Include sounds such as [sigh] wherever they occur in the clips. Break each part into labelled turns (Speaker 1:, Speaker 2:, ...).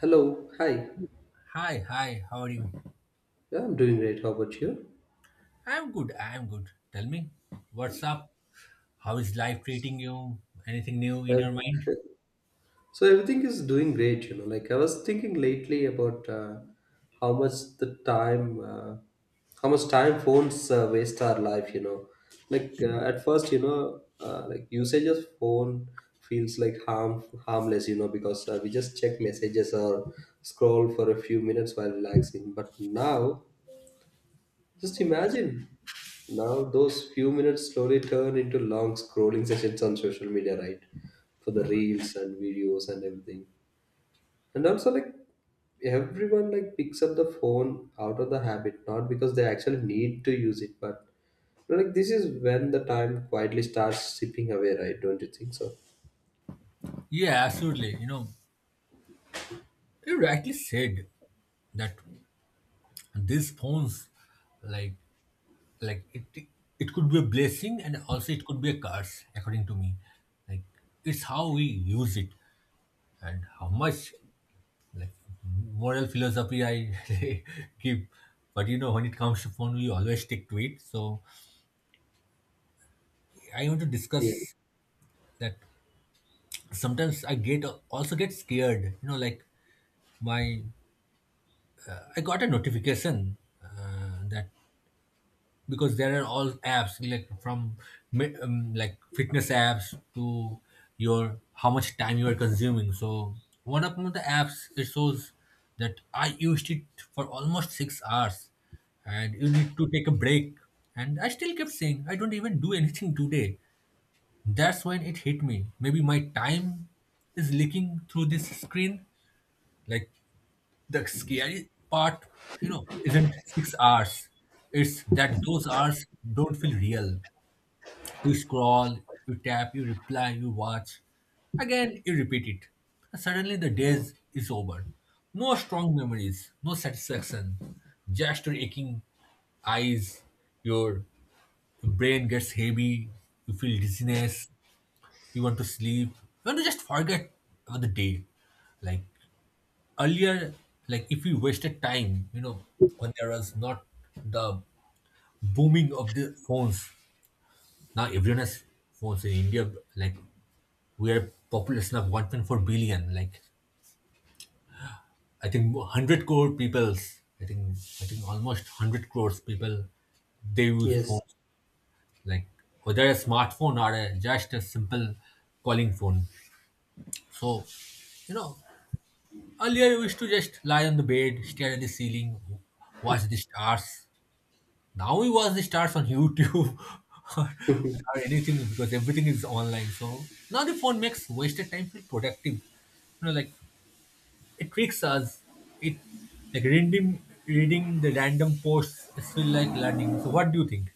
Speaker 1: Hello, hi.
Speaker 2: Hi, hi, how are you?
Speaker 1: Yeah, I'm doing great. How about you?
Speaker 2: I'm good, I'm good. Tell me, what's up? How is life treating you? Anything new in
Speaker 1: Uh,
Speaker 2: your mind?
Speaker 1: so everything is doing great, you know. Like I was thinking lately about how much the time, uh, how much time phones waste our life, you know. Like at first, you know, like usage of phone feels like harmless, you know, because we just check messages or scroll for a few minutes while relaxing. But now Just imagine, now those few minutes slowly turn into long scrolling sessions on social media, right? For the reels and videos and everything. And also, like everyone like picks up the phone out of the habit, not because they actually need to use it, but you know, like this is when the time quietly starts slipping away, right? Don't you think so?
Speaker 2: Yeah, absolutely. You know, you rightly said that these phones, like, like it, it could be a blessing, and also it could be a curse, according to me. Like, it's how we use it and how much, like, moral philosophy I [laughs] give. But you know, when it comes to phone, we always stick to it. So I want to
Speaker 1: Yeah.
Speaker 2: discuss that sometimes I get also get scared. You know, like my I got a notification that because there are all apps like from like fitness apps to your how much time you are consuming. So one of the apps it shows that I used it for almost 6 hours, and you need to take a break. And I still kept saying I don't even do anything today. That's when it hit me. Maybe my time is leaking through this screen. Like the scary part, you know, isn't 6 hours. It's that those hours don't feel real. You scroll, you tap, you reply, you watch. Again, you repeat it. And suddenly the days is over. No strong memories, no satisfaction. Just your aching eyes, your brain gets heavy, you feel dizziness, you want to sleep, you want to just forget about the day. Like earlier, like if we wasted time, you know, when there was not the booming of the phones, now everyone has phones in India. Like we are population of 1.4 billion. Like I think 100 crore peoples, i think I think almost 100 crores people they use
Speaker 1: Yes.
Speaker 2: phones, like whether a smartphone or a, just a simple calling phone. So you know, earlier we used to just lie on the bed, stare at the ceiling, watch the stars. Now we watch the stars on YouTube [laughs] or,
Speaker 1: [laughs]
Speaker 2: or anything because everything is online. So now the phone makes wasted time feel productive. You know, like it tricks us. It, like reading the random posts is feel like learning. So what do you think?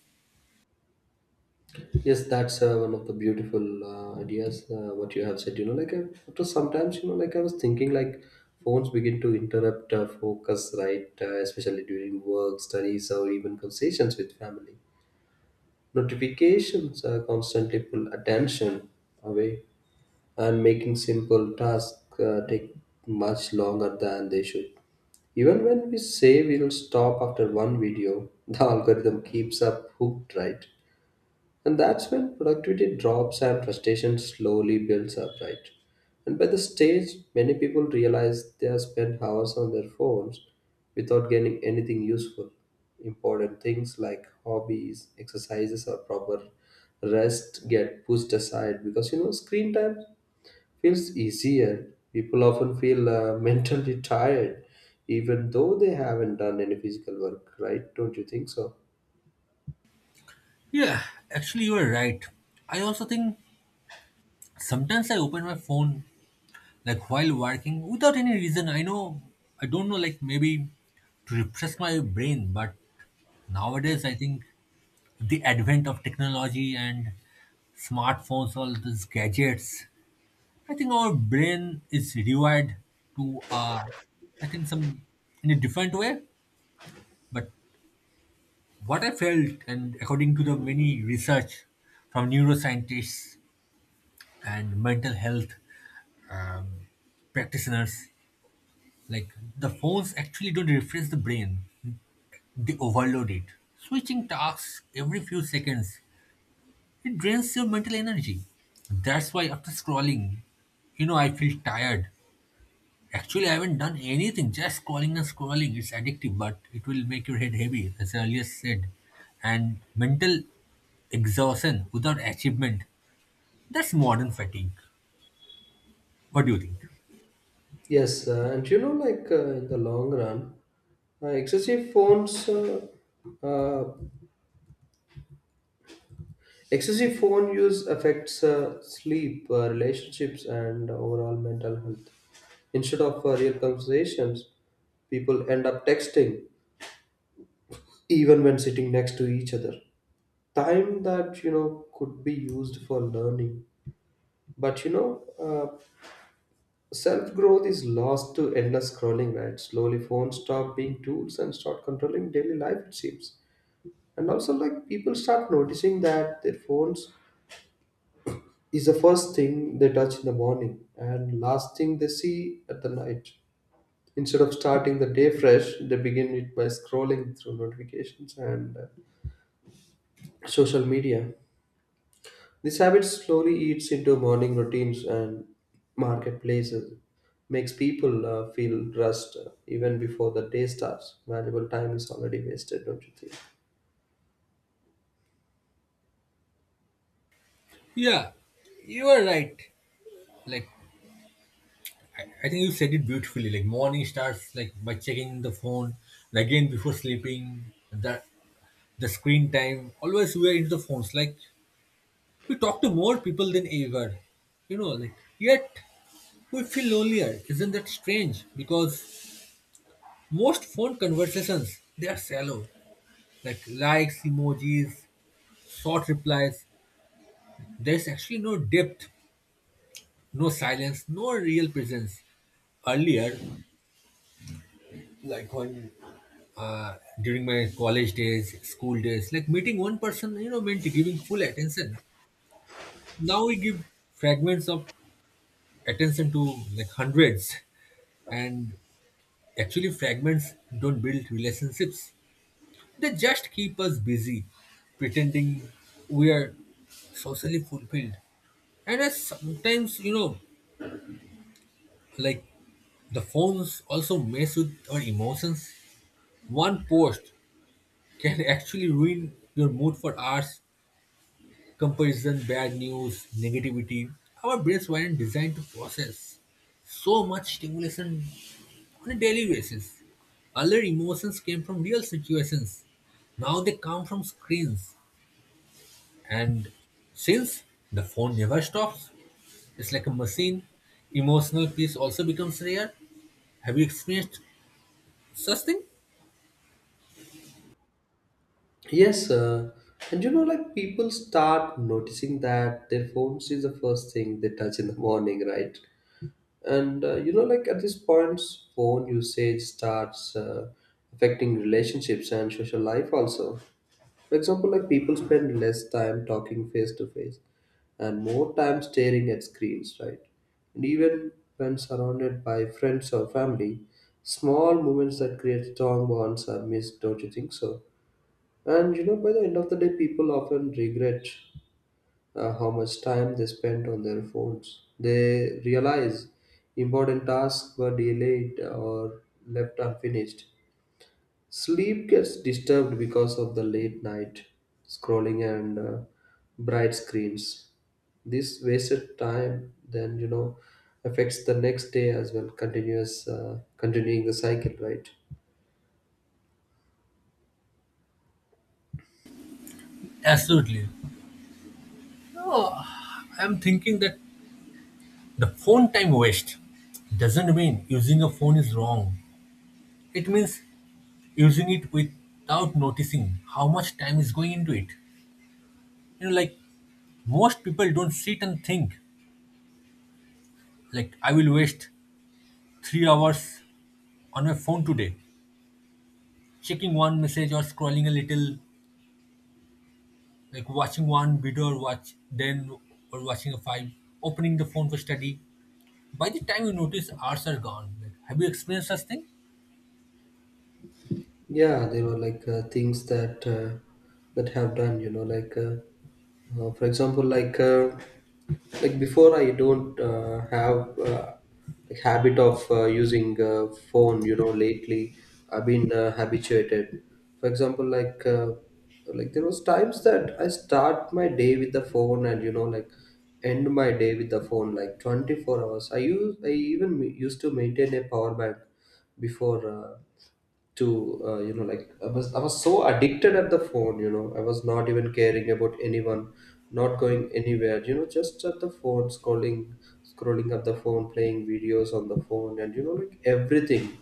Speaker 1: Yes, that's one of the beautiful ideas what you have said. You know, like after sometimes, you know, like I was thinking, like phones begin to interrupt focus, right? Especially during work, studies, or even conversations with family. Notifications constantly pull attention away, and making simple tasks take much longer than they should. Even when we say we'll stop after one video, [laughs] the algorithm keeps up hooked, right? And that's when productivity drops and frustration slowly builds up, right? And by the stage, many people realize they have spent hours on their phones without gaining anything useful. Important things like hobbies, exercises, or proper rest get pushed aside because you know screen time feels easier. People often feel [laughs] mentally tired even though they haven't done any physical work, right? Don't you think so?
Speaker 2: Yeah, actually you are right. I also think sometimes I open my phone like while working without any reason. I know I don't know, like maybe to refresh my brain. But nowadays I think the advent of technology and smartphones, all these gadgets, I think our brain is rewired to, I think, some in a different way. But what I felt, and according to the many research from neuroscientists and mental health um, practitioners, like the phones actually don't refresh the brain; they overload it. Switching tasks every few seconds, it drains your mental energy. That's why after scrolling, you know, I feel tired. Actually, I haven't done anything, just scrolling and scrolling. It's addictive, but it will make your head heavy, as I earlier said. And mental exhaustion without achievement, that's modern fatigue. What do you think?
Speaker 1: Yes, and you know, like in the long run, uh, excessive phones, uh, uh, excessive phone use affects sleep, relationships, and overall mental health. Instead of real conversations, people end up texting even when sitting next to each other. Time that you know could be used for learning, but you know, self growth is lost to endless scrolling, right? Slowly, phones stop being tools and start controlling daily life, it seems. And also, like, people start noticing that their phones is the first thing they touch in the morning and last thing they see at the night. Instead of starting the day fresh, they begin it by scrolling through notifications and social media. This habit slowly eats into morning routines and marketplaces, makes people feel rushed even before the day starts. Valuable time is already wasted, don't you think?
Speaker 2: Yeah, you are right. Like, I think you said it beautifully. Like, morning starts like by checking the phone, and again before sleeping. The the screen time, always we are into the phones. Like, we talk to more people than ever, you know, like, yet we feel lonelier. Isn't that strange? Because most phone conversations, they are shallow. Like likes, emojis, short replies. There's actually no depth, no silence, no real presence. Earlier, like when uh, during my college days, school days, like meeting one person, you know, meant giving full attention. Now we give fragments of attention to like hundreds, and actually, fragments don't build relationships, they just keep us busy pretending we are socially fulfilled. And as sometimes, you know, like the phones also mess with our emotions. One post can [laughs] actually ruin your mood for hours. Comparison, bad news, negativity. Our brains weren't designed to process so much stimulation on a daily basis. Earlier emotions came from real situations. Now they come from screens. And since the phone never stops, it's like a machine, emotional peace also becomes rare. Have you experienced such thing?
Speaker 1: Yes, and you know, like people start noticing that their phones is the first thing they touch in the morning, right? And you know, like at this point, phone usage starts affecting relationships and social life also. For example, like people spend less time talking face to face and more time staring at screens, right? And even when surrounded by friends or family, small moments that create strong bonds are missed, don't you think so? And you know, by the end of the day, people often regret how much time they spent on their phones. They realize important tasks were delayed or left unfinished. Sleep gets disturbed because of the late night scrolling and bright screens. This wasted time then you know affects the next day as well. Continuing the cycle, right?
Speaker 2: Absolutely. No, I'm thinking that the phone time waste doesn't mean using a phone is wrong. It means using it without noticing how much time is going into it. You know, like most people don't sit and think, like, I will waste 3 hours on my phone today, checking one message or scrolling a little, like watching one video or watch, then or watching a file, opening the phone for study. By the time you notice, hours are gone. Like, have you experienced such thing?
Speaker 1: Yeah, there were like things that have done, you know, like for example, like before I don't have like habit of using phone, you know. Lately I've been habituated. For example, like there was times that I start my day with the phone, and you know, like end my day with the phone, like 24 hours I use. I even used to maintain a power bank before to you know, like I was so addicted at the phone, you know. I was not even caring about anyone, not going anywhere, you know, just at the phone, scrolling up the phone, playing videos on the phone, and you know, like everything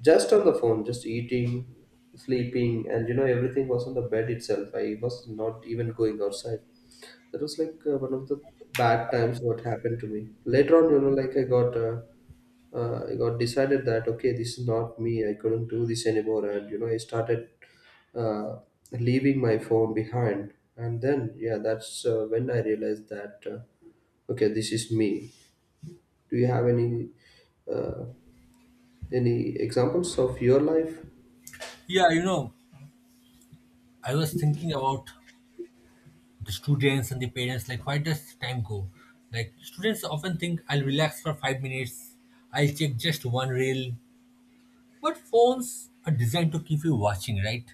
Speaker 1: just on the phone, just eating, sleeping, and you know, everything was on the bed itself. I was not even going outside. That was like one of the bad times what happened to me. Later on, you know, like I got decided that okay, this is not me. I couldn't do this anymore, and you know, I started uh, leaving my phone behind. And then, yeah, that's when I realized that okay, this is me. Do you have any uh, any examples of your life?
Speaker 2: Yeah, you know, I was thinking about the students and the parents, like why does time go. Like students often think I'll relax for 5 minutes, I'll check just one reel. But phones are designed to keep you watching, right?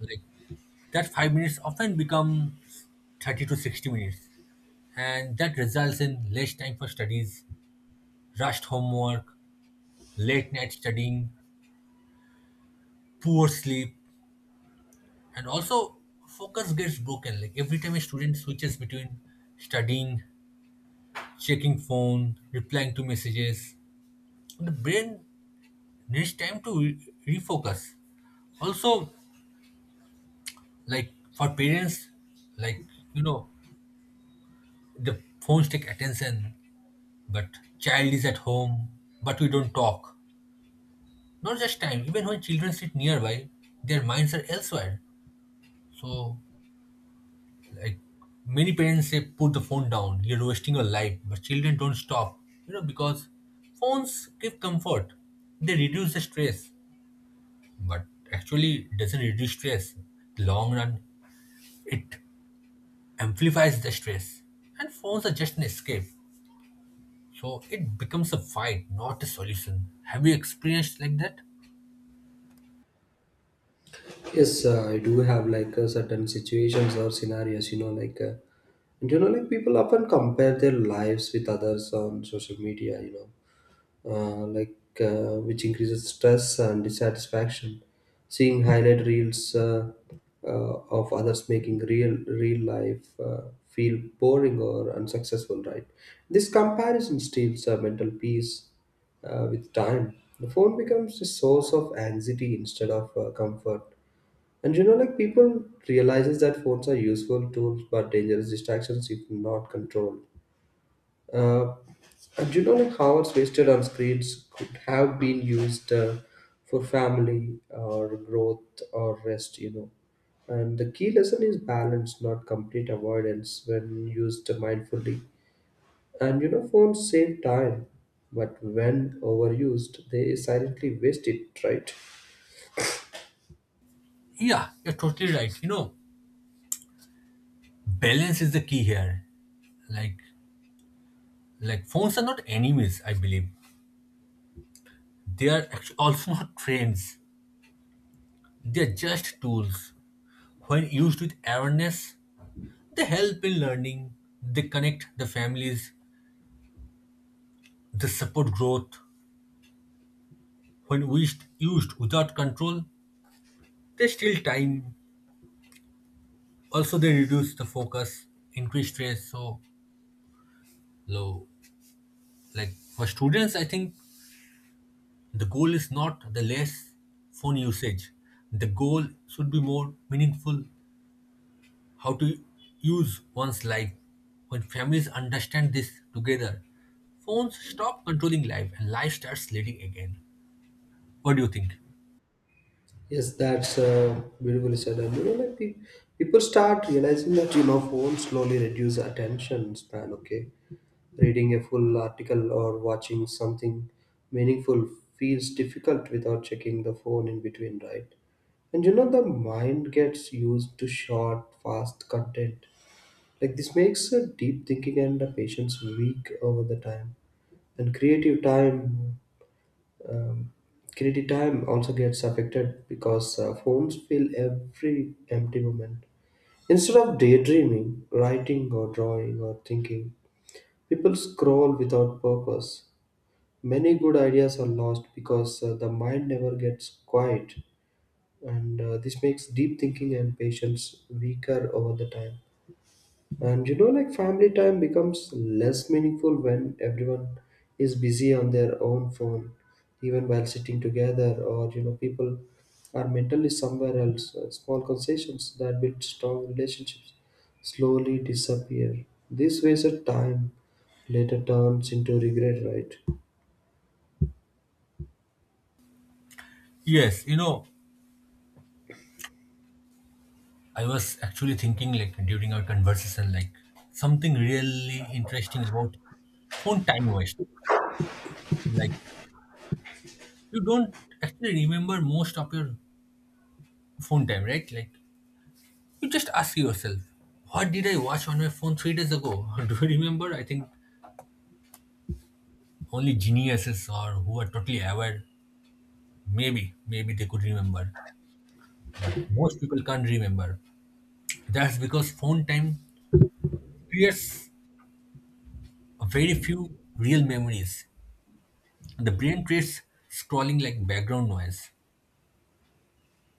Speaker 2: Like that 5 minutes often become 30 to 60 minutes, and that results in less time for studies, rushed homework, late night studying, poor sleep. And also focus gets broken. Like every time a student switches between studying, checking phone, replying to messages, the brain needs time to refocus. Also, like for parents, like you know, the phones take attention, but child is at home, but we don't talk. Not just time, even when children sit nearby, their minds are elsewhere. So, like, many parents say put the phone down, you're wasting your life, but children don't stop, you know, because phones give comfort, they reduce the stress. But actually doesn't reduce stress. The long run, it amplifies the stress, and phones are just an escape. So it becomes a fight, not a solution. Have you experienced like that?
Speaker 1: Yes, I do have like certain situations or scenarios, you know, and you know, like people often compare their lives with others on social media, you know, which increases stress and dissatisfaction. Seeing highlight reels uh, of others making real life feel boring or unsuccessful, right? This comparison steals mental peace with time. The phone becomes a source of anxiety instead of comfort. And you know, like people realizes that phones are useful tools but dangerous distractions if not controlled. Uh, and you know, like hours wasted on screens could have been used for family or growth or rest. You know, and the key lesson is balance, not complete avoidance when used mindfully. And you know, phones save time, but when overused, they silently waste it. Right?
Speaker 2: Yeah, you're totally right. You know, balance is the key here. Like, like phones are not enemies. I believe they are actually also [laughs] not friends. They are just tools. When used with awareness, they help in learning. They connect the families. They support growth. When wished used without control, they steal time. Also they reduce the focus, increase stress. So low, like for students, I think the goal is not the less phone usage. The goal should be more meaningful, how to use one's life. When families understand this together, phones stop controlling life and life starts leading again. What do you think?
Speaker 1: Yes, that's beautifully said. And you know, like people start realizing that you know phones slowly reduce attention span. Okay, reading a full article or watching something meaningful feels difficult without checking the phone in between, right? And you know, the mind gets used to short, fast content. Like this makes deep thinking and patience weak over the time. And creative time, um, quality time also gets affected because phones fill every empty moment. Instead of daydreaming, writing, or drawing, or thinking, people scroll without purpose. Many good ideas are lost because the mind never gets quiet, and this makes deep thinking and patience weaker over the time. And you know, like family time becomes less meaningful when everyone is busy on their own phone, even while sitting together, or you know, people are mentally somewhere else. Small concessions that build strong relationships slowly disappear. This wasted time later turns into regret, right?
Speaker 2: Yes, you know, I was actually thinking like during our conversation, like something really interesting about phone time waste. Like you don't actually remember most of your phone time, right? Like you just ask yourself, what did I watch on my phone 3 days ago? [laughs] Do you remember? I think only geniuses or who are totally aware, maybe, maybe they could remember. But most people can't remember. That's because phone time creates a very few real memories. The brain treats scrolling like background noise.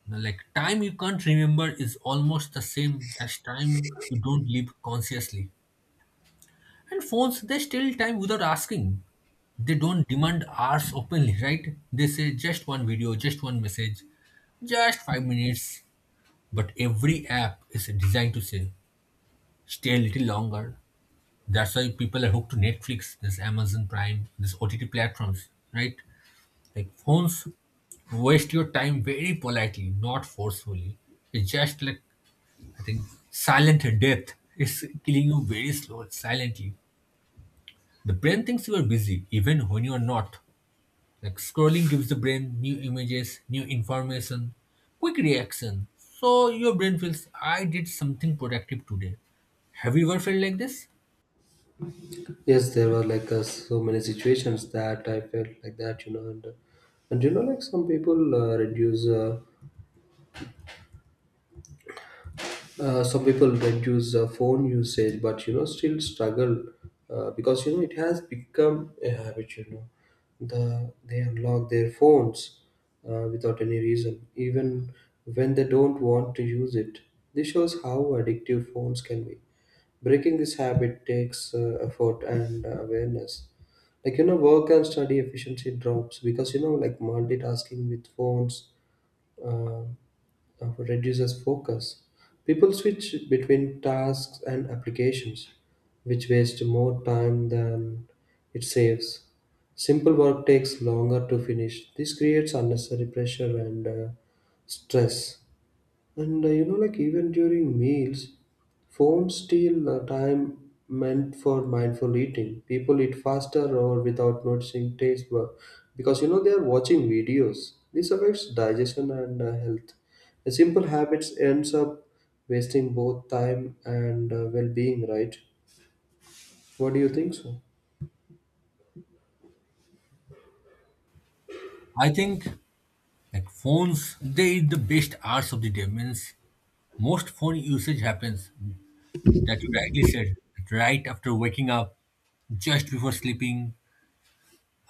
Speaker 2: Like time you can't remember is almost the same as time you don't live consciously. And phones, they steal time without asking. They don't demand hours openly, right? They say just one video, just one message, just 5 minutes. But every app is designed to say, stay a little longer. That's why people are hooked to Netflix, this Amazon Prime, this OTT platforms, right? Like phones waste your time very politely, not forcefully. It's just like, I think, silent death is killing you very slow, silently. The brain thinks you are busy even when you are not. Like scrolling gives the brain new images, new information, quick reaction. So your brain feels I did something productive today. Have you ever felt like this?
Speaker 1: Yes, there were like so many situations that I felt like that, you know, and you know, like some people reduce. Some people reduce phone usage, but you know, still struggle because you know, it has become a habit. You know, they unlock their phones without any reason, even when they don't want to use it. This shows how addictive phones can be. Breaking this habit takes effort and awareness. Like you know, work and study efficiency drops because you know, like multitasking with phones uh, reduces focus. People switch between tasks and applications, which waste more time than it saves. Simple work takes longer to finish. This creates unnecessary pressure and stress. And you know, like even during meals, phones steal the time meant for mindful eating. People eat faster or without noticing taste because you know they are watching videos. This affects digestion and health. The simple habits ends up wasting both time and well-being. Right? What do you think so?
Speaker 2: I think like phones, they eat the best hours of the day. Means most phone usage happens, that you rightly said, right after waking up, just before sleeping,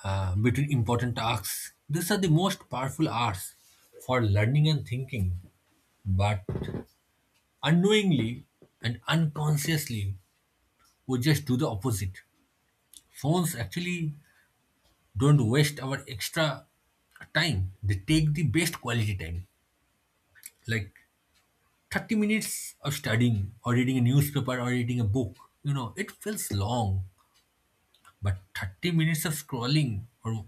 Speaker 2: between important tasks. These are the most powerful hours for learning and thinking. But unknowingly and unconsciously, we just do the opposite. Phones actually don't waste our extra time, they take the best quality time. Like 30 minutes of studying or reading a newspaper or reading a book, you know it feels long. But 30 minutes of scrolling or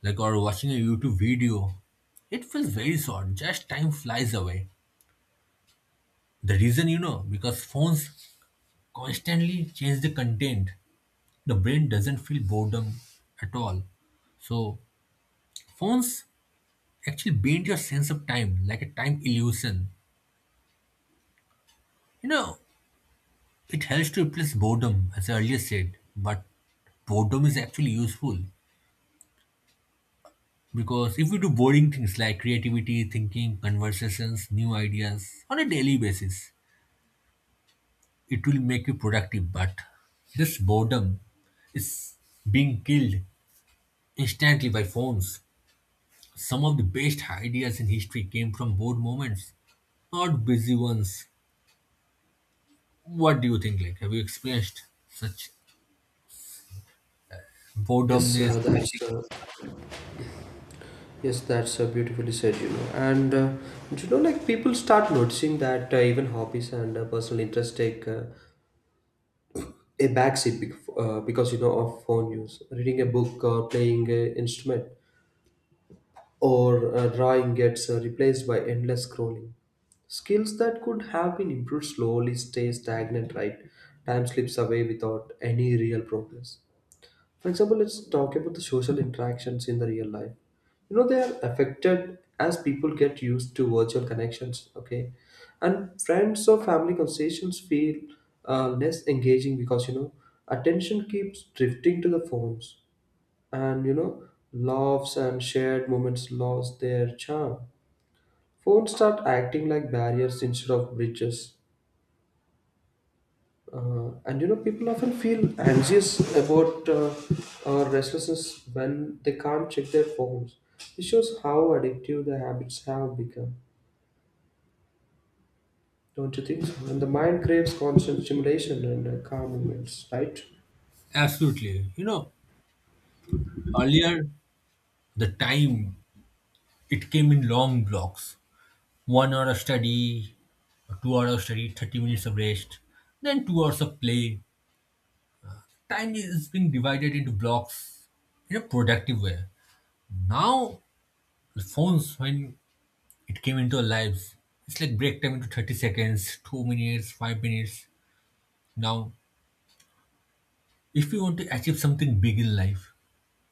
Speaker 2: like or watching a YouTube video, it feels very short, just time flies away. The reason, you know, because phones constantly change the content, the brain doesn't feel boredom at all. So phones actually bend your sense of time, like a time illusion. You know, it helps to replace boredom, as I earlier said, but boredom is actually useful, because if we do boring things like creativity, thinking, conversations, new ideas on a daily basis, it will make you productive. But this boredom is being killed instantly by phones. Some of the best ideas in history came from bored moments. Not busy ones. What do you think? Like, have you experienced such
Speaker 1: Yes,
Speaker 2: boredomness
Speaker 1: uh,
Speaker 2: or
Speaker 1: that's
Speaker 2: anything?
Speaker 1: uh, yes, that's beautifully said, you know. And you know, like people start noticing that even hobbies and personal interests take a backseat because you know of phone use. Reading a book or playing an instrument or drawing gets replaced by endless scrolling. Skills that could have been improved slowly stay stagnant, right? Time slips away without any real progress. For example, let's talk about the social interactions in the real life. You know, they are affected as people get used to virtual connections, okay? And friends or family conversations feel less engaging because, you know, attention keeps drifting to the phones and, you know, laughs and shared moments lost their charm. Phones start acting like barriers instead of bridges. And you know, people often feel anxious about restlessness when they can't check their phones. It shows how addictive the habits have become, don't you think so? And the mind craves constant stimulation and calm moments, right?
Speaker 2: Absolutely. You know, earlier the time it came in long blocks. 1 hour of study, 2 hours of study, 30 minutes of rest, then 2 hours of play. Time is being divided into blocks in a productive way. Now, the phones, when it came into our lives, it's like break time into 30 seconds, 2 minutes, 5 minutes. Now, if you want to achieve something big in life,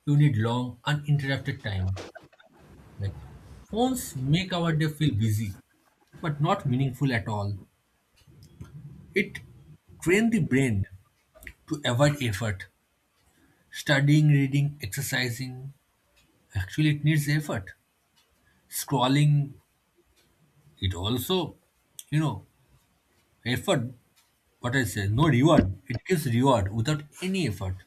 Speaker 2: you need long, uninterrupted time. Like phones make our day feel busy, but not meaningful at all. It trains the brain to avoid effort. Studying, reading, exercising. Actually, it needs effort. Scrolling, it also, you know, effort. What I say, no reward. It gives reward without any effort.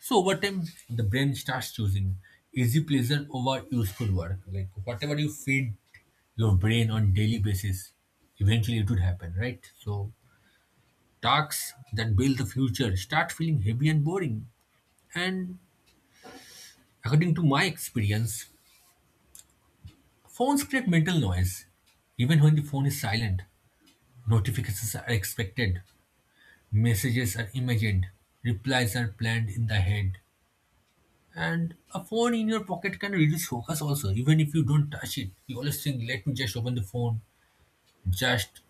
Speaker 2: So over time, the brain starts choosing easy pleasure over useful work. Like whatever you feed your brain on daily basis, eventually it would happen, right? So tasks that build the future start feeling heavy and boring. And according to my experience, phones create mental noise. Even when the phone is silent, notifications are expected, messages are imagined, replies are planned in the head. And a phone in your pocket can reduce focus also, even if you don't touch it. You always think, let me just open the phone, just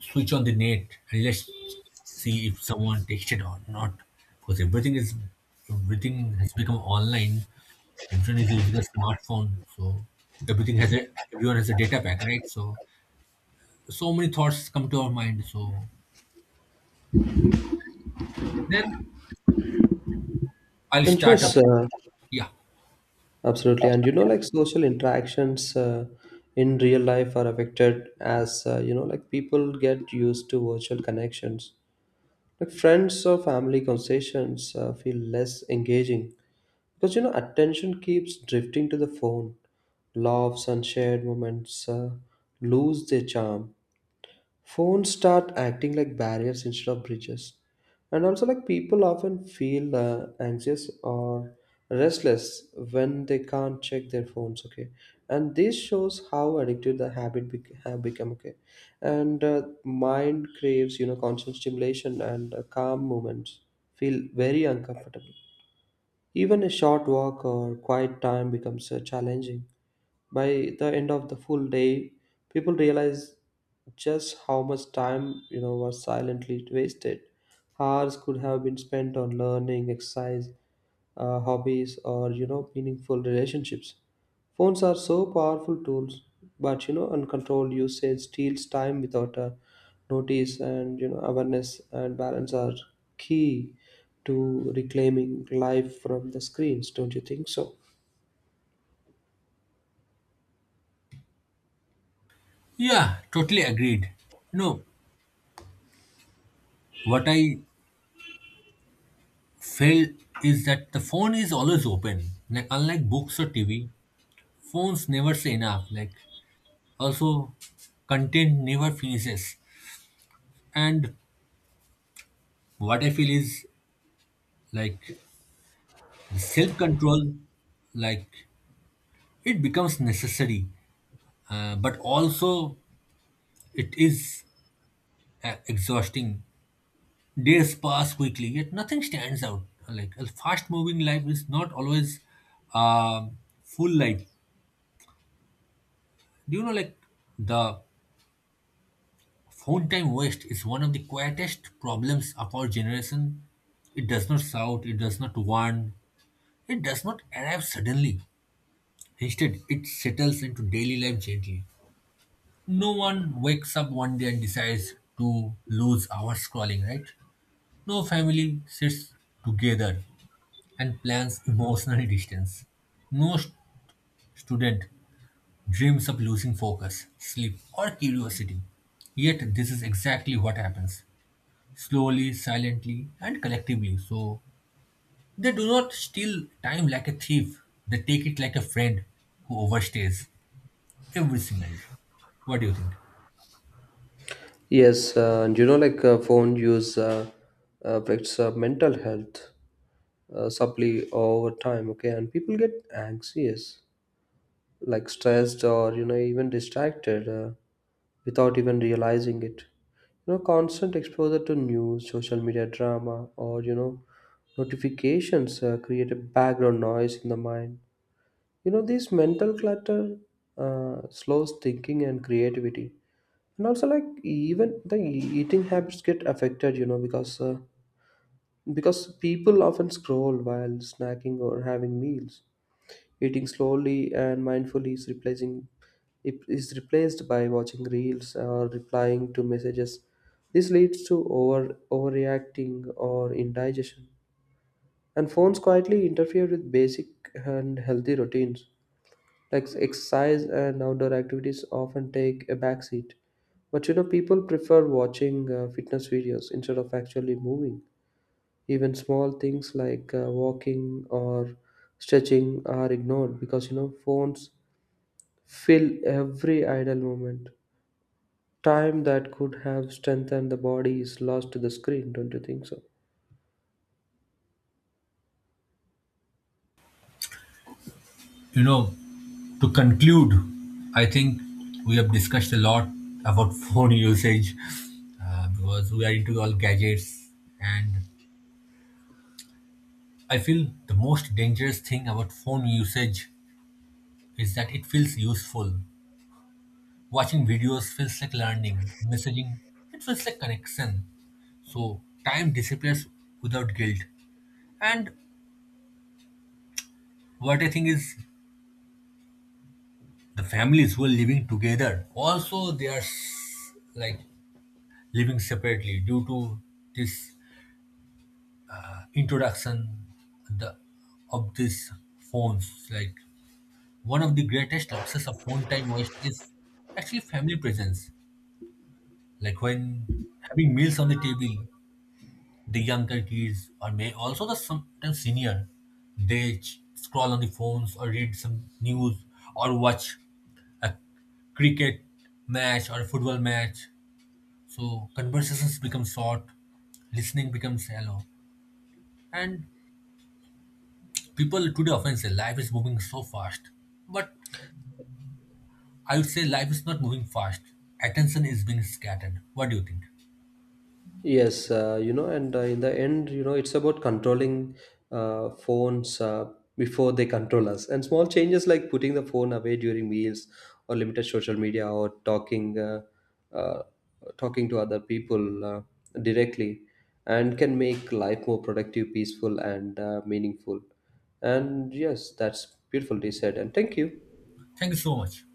Speaker 2: switch on the net, and let's see if someone texted or not. Because everything has become online. Everyone is using a smartphone, so everything has a everyone has a data pack, right? so many thoughts come to our mind. So then I'll
Speaker 1: And
Speaker 2: start up.
Speaker 1: yes,
Speaker 2: Yeah,
Speaker 1: absolutely. And you know, like social interactions in real life are affected as you know, like people get used to virtual connections. Like friends or family conversations feel less engaging because you know, attention keeps drifting to the phone. Laughs and shared moments lose their charm. Phones start acting like barriers instead of bridges. And also, like people often feel anxious or restless when they can't check their phones. Okay, and this shows how addictive the habit bec have become. Okay, and mind craves you know constant stimulation and calm moments feel very uncomfortable. Even a short walk or quiet time becomes challenging. By the end of the full day, people realize just how much time you know was silently wasted. Hours could have been spent on learning, exercise, hobbies, or you know, meaningful relationships. Phones are so powerful tools, but you know, uncontrolled usage steals time without a notice. And you know, awareness and balance are key to reclaiming life from the screens, don't you think so?
Speaker 2: yeah, totally agreed. You know what I fail is that the phone is always open. Like unlike books or TV, phones never say enough. Like also content never finishes. And what I feel is like the self-control, like it becomes necessary, but also it is exhausting. Days pass quickly, yet nothing stands out. Like a fast-moving life is not always a full life. Do you know like the phone time waste is one of the quietest problems of our generation. It does not shout, it does not warn, it does not arrive suddenly. Instead, it settles into daily life gently. No one wakes up one day and decides to lose hours scrolling, right? No family sits together and plans emotional distance. No student dreams of losing focus, sleep, or curiosity. Yet, this is exactly what happens, slowly, silently, and collectively. So they do not steal time like a thief, they take it like a friend who overstays every single day. What do you think?
Speaker 1: Yes, and you know, phone use affects mental health subtly over time. Okay, and people get anxious, like stressed, or you know, even distracted without even realizing it. You know, constant exposure to news, social media drama, or you know, notifications create a background noise in the mind. You know, this mental clutter slows thinking and creativity. And also, like even the eating habits get affected. You know, because people often scroll while snacking or having meals. Eating slowly and mindfully is replacing it is replaced by watching reels or replying to messages. This leads to overreacting or indigestion. And phones quietly interfere with basic and healthy routines. Like exercise and outdoor activities often take a backseat. But you know, people prefer watching fitness videos instead of actually moving. Even small things like walking or stretching are ignored because you know, phones fill every idle moment. Time that could have strengthened the body is lost to the screen, don't you think so?
Speaker 2: You know, to conclude, I think we have discussed a lot about [laughs] phone usage because we are into all gadgets, and I feel the most dangerous thing about phone usage is that it feels useful. Watching videos feels like learning, messaging, it feels like connection. So time disappears without guilt. And what I think is the families who are living together also they are like living separately due to this introduction the of these phones. Like one of the greatest losses of phone time waste is actually family presence. Like when having meals on the table, the younger kids or may also the sometimes senior, they scroll on the phones or read some news or watch a cricket match or football match. So conversations become short, listening becomes shallow, and people today often say life is moving so fast, but I would say life is not moving fast, attention is being scattered. What do you think?
Speaker 1: Yes, you know, and in the end, you know, it's about controlling phones before they control us. And small changes like putting the phone away during meals, or limited social media, or uh, talking to other people directly, and can make life more productive, peaceful, and meaningful. And yes, that's beautifully said. And thank you.
Speaker 2: Thank you so much.